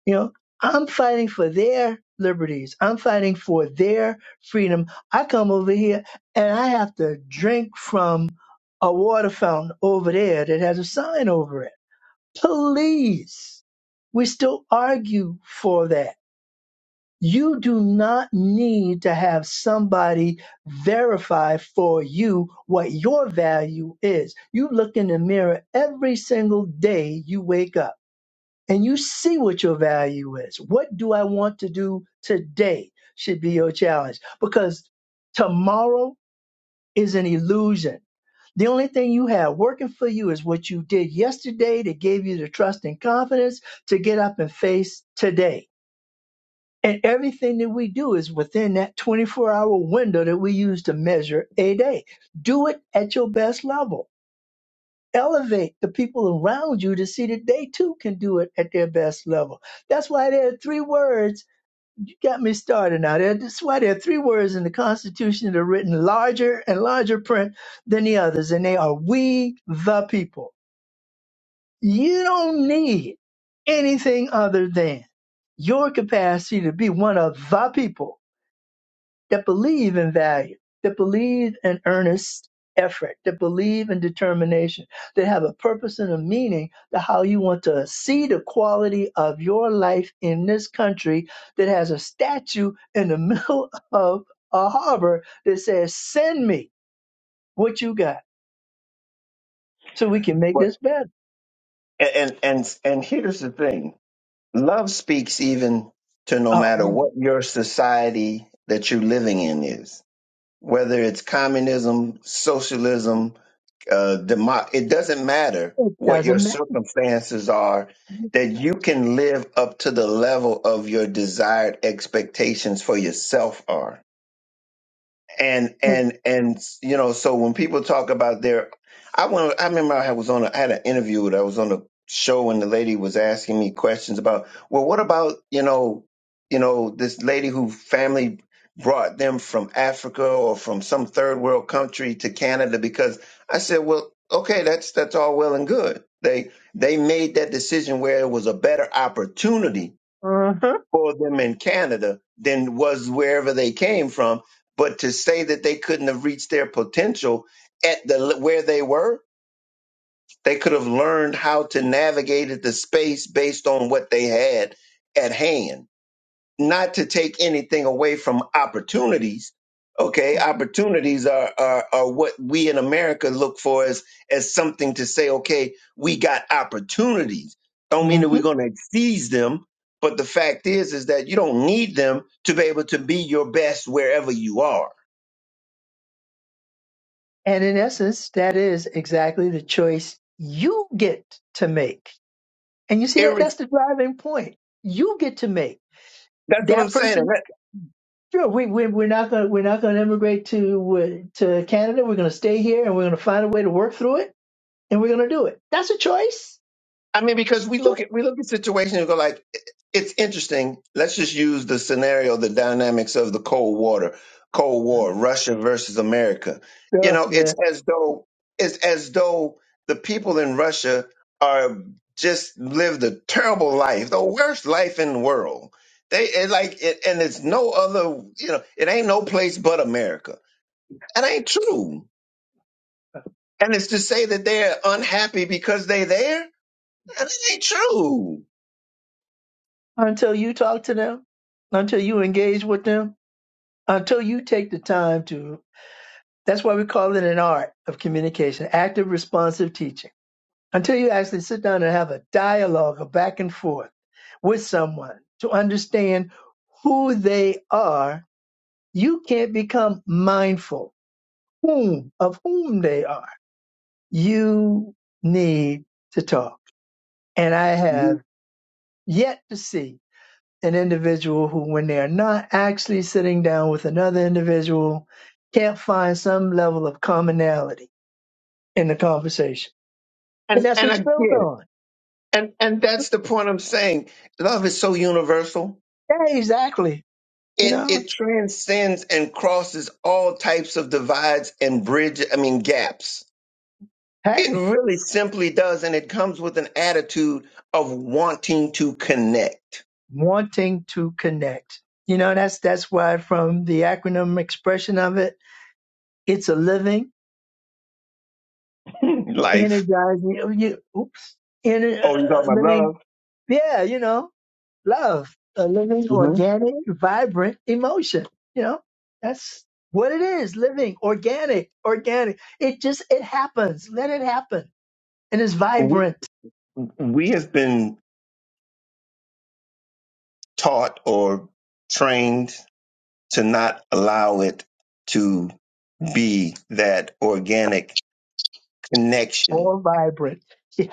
you know, I'm fighting for their liberties. I'm fighting for their freedom. I come over here and I have to drink from a water fountain over there that has a sign over it. Please. We still argue for that. You do not need to have somebody verify for you what your value is. You look in the mirror every single day you wake up and you see what your value is. What do I want to do today should be your challenge because tomorrow is an illusion. The only thing you have working for you is what you did yesterday that gave you the trust and confidence to get up and face today. And everything that we do is within that 24 hour window that we use to measure a day. Do it at your best level elevate the people around you to see that they too can do it at their best level. That's why there are three words. You got me started now. There- That's why there are three words in the Constitution that are written larger and larger print than the others, and they are we the people. You don't need anything other than your capacity to be one of the people that believe in value, that believe in earnest effort, that believe in determination, that have a purpose and a meaning to how you want to see the quality of your life in this country that has a statue in the middle of a harbor that says, Send me what you got so we can make But this better. and and and, and here's the thing Love speaks even to no Oh, matter what man, your society that you're living in is, whether it's communism, socialism, uh, demo- it doesn't matter it what your doesn't circumstances are, matter. that you can live up to the level of your desired expectations for yourself are and and and you know so when people talk about their i went i remember i was on a, i had an interview that I was on a show and the lady was asking me questions about well what about you know you know this lady who family brought them from africa or from some third world country to canada because i said well okay that's that's all well and good they they made that decision where it was a better opportunity Uh-huh. for them in Canada than was wherever they came from. But to say that they couldn't have reached their potential at the where they were, they could have learned how to navigate at the space based on what they had at hand not to take anything away from opportunities. Okay, opportunities are, are are what we in America look for as as something to say, okay, we got opportunities. Don't mean that hmm we're going to seize them, but the fact is is that you don't need them to be able to be your best wherever you are. And in essence, that is exactly the choice you get to make And you see that Irre- that's the driving point. You get to make that's what I'm that saying. person. Sure, we, we we're not gonna we're not gonna immigrate to uh, to Canada. We're gonna stay here, and we're gonna find a way to work through it, and we're gonna do it. That's a choice. I mean, That's because we a look at choice. we look at situations and go like, "I- it's interesting. Let's just use the scenario, the dynamics of the Cold War, Cold War, Russia versus America. You Yeah, know, it's yeah. as though it's as though the people in Russia are just lived a terrible life, the worst life in the world. They it like it, and it's no other. You know, it ain't no place but America. That ain't true. And it's to say that they're unhappy because they there. That ain't true Until you talk to them, until you engage with them, until you take the time to. That's why we call it an art of communication, active responsive teaching. Until you actually sit down and have a dialogue, a back and forth with someone to understand who they are, you can't become mindful whom of whom they are. You need to talk. And I have yet to see an individual who, when they are not actually sitting down with another individual, can't find some level of commonality in the conversation. And And that's and what you build again, on. and and that's the point I'm saying. Love is so universal. Yeah, exactly. You It know, it transcends and crosses all types of divides and bridge, I mean gaps. hey. It really simply does, and it comes with an attitude of wanting to connect. wanting to connect. You know, that's that's why from the acronym expression of it, it's a living, Life. energizing, oh, you, oops, ener- Oh, you uh, talking about living, love? yeah, you know, love, a living, hmm organic, vibrant emotion. You know, that's what it is, living, organic, organic. It just it happens. Let it happen, and it's We vibrant, we have been taught or trained to not allow it to be that organic connection all vibrant.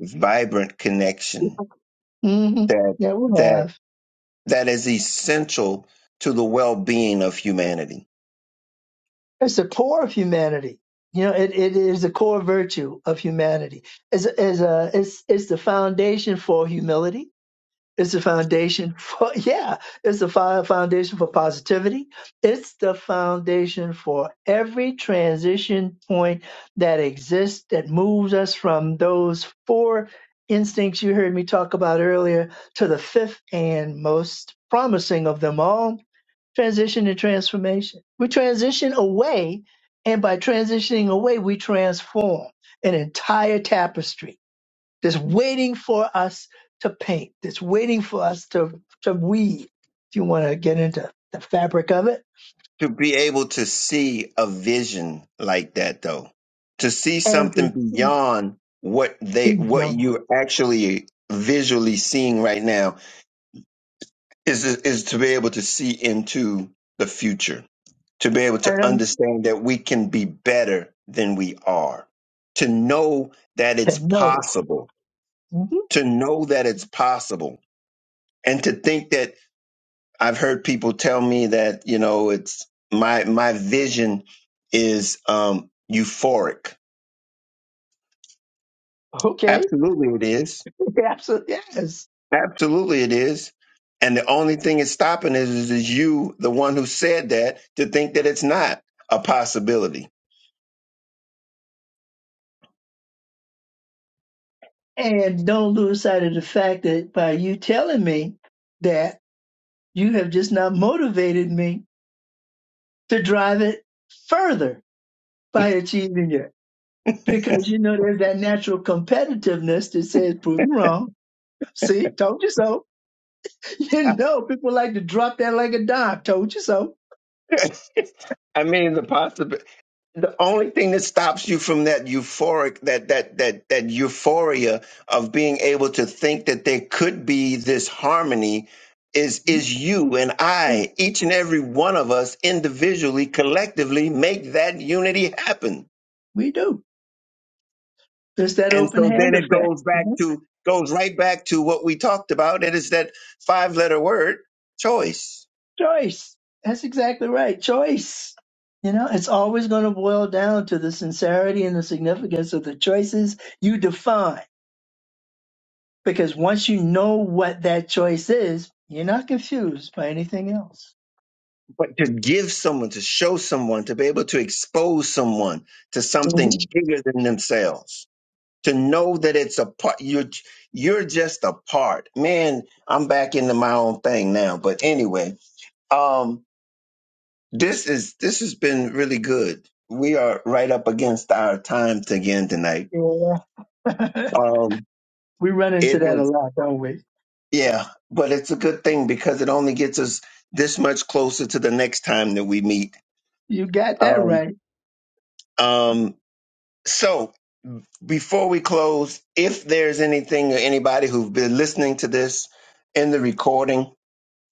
vibrant connection Yeah, hmm that yeah, we that have. that is essential to the well-being of humanity It's the core of humanity. You know, it, it is the core virtue of humanity. It's, it's, uh, it's, it's the foundation for humility. It's the foundation for, yeah, it's the fi- foundation for positivity. It's the foundation for every transition point that exists that moves us from those four instincts you heard me talk about earlier to the fifth and most promising of them all, transition and transformation. We transition away, and by transitioning away, we transform an entire tapestry that's waiting for us to paint, that's waiting for us to, to weave, if you want to get into the fabric of it, to be able to see a vision like that though to see and to something see beyond what they what beyond, you actually visually seeing right now is is to be able to see into the future to be able to and understand that we can be better than we are to know that to it's know. possible Mhm. to know that it's possible and to think that I've heard people tell me that, you know, it's my my vision is um euphoric. Okay, Absolutely it is. absolutely, yes. Absolutely it is. And the only thing it's stopping is is you, the one who said that, to think that it's not a possibility And don't lose sight of the fact that by you telling me that you have just not motivated me to drive it further by achieving it. Because you know there's that natural competitiveness that says, prove you wrong. See, told you so. You know, people like to drop that like a dime. Told you so. I mean, the possibility. the only thing that stops you from that euphoric that that that that euphoria of being able to think that there could be this harmony is is you and I each and every one of us individually collectively make that unity happen We do. There's that and open so then hand it effect. goes you back know? to goes right back to what we talked about it is that five letter word choice Choice. That's exactly right. Choice. You know, it's always going to boil down to the sincerity and the significance of the choices you define. Because once you know what that choice is, you're not confused by anything else. but to give someone to show someone to be able to expose someone to something bigger than themselves to know that it's a part you're you're just a part man i'm back into my own thing now but anyway um this is this has been really good we are right up against our time to again tonight Yeah. um we run it into that a has lot, don't we? yeah but it's a good thing because it only gets us this much closer to the next time that we meet You got that um right. um so before we close if there's anything or anybody who've been listening to this in the recording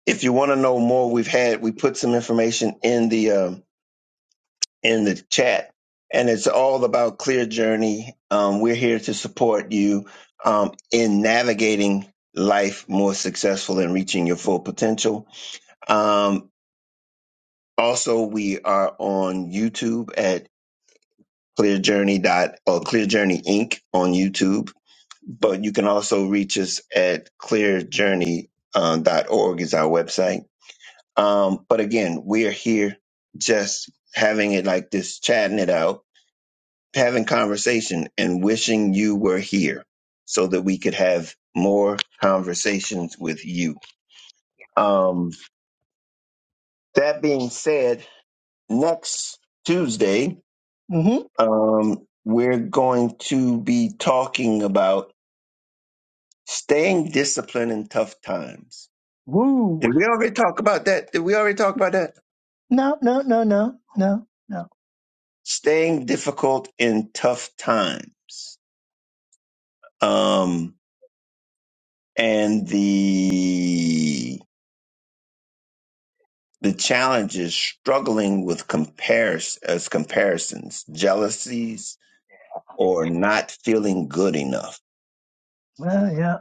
if you want to know more, we've had we put some information in the um, in the chat, and it's all about Clear Journey. Um, we're here to support you um, in navigating life more successful and reaching your full potential. Um, also, we are on YouTube at Clear Journey dot or Clear Journey Inc. on YouTube, but you can also reach us at Clear Journey uh, dot org is our website Um, but again, we are here just having it like this, chatting it out, having conversation, and wishing you were here so that we could have more conversations with you. Um, that being said, next Tuesday, hmm um, we're going to be talking about staying disciplined in tough times. Woo. Did we already talk about that? Did we already talk about that? No, no, no, no, no, no. Staying difficult in tough times. Um, and the the challenge is struggling with compares as comparisons, jealousies, or not feeling good enough. Well, yeah,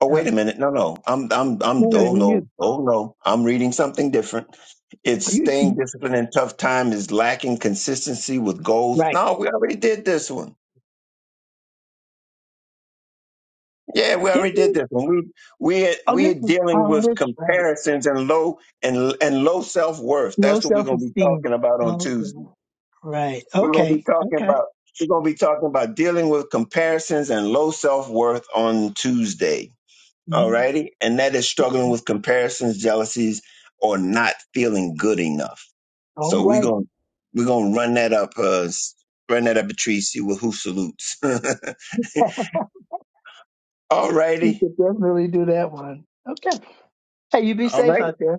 Oh yeah. wait a minute, no, no, I'm I'm I'm No, no, oh you, no, oh no, I'm reading something different. It's staying you, disciplined in tough time is lacking consistency with goals. right. No, we already did this one. Yeah, we Didn't already did you? this one. We we Oh, we're this is, dealing oh, with that's right. comparisons and low and and low self worth. Low That's what we're gonna be self-esteem. talking about on Okay. Tuesday. Right. We're gonna be Okay. talking Okay. about we're gonna be talking about dealing with comparisons and low self worth on Tuesday. Mhm. Alrighty, and that is struggling with comparisons, jealousies, or not feeling good enough. All So we're right. gonna we're gonna run that up, uh, run that up a tree, see who who salutes. Alrighty, You could all definitely do that one. Okay. Hey, you be safe right, out there.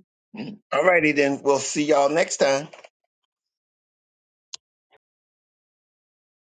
alrighty then. We'll see y'all next time.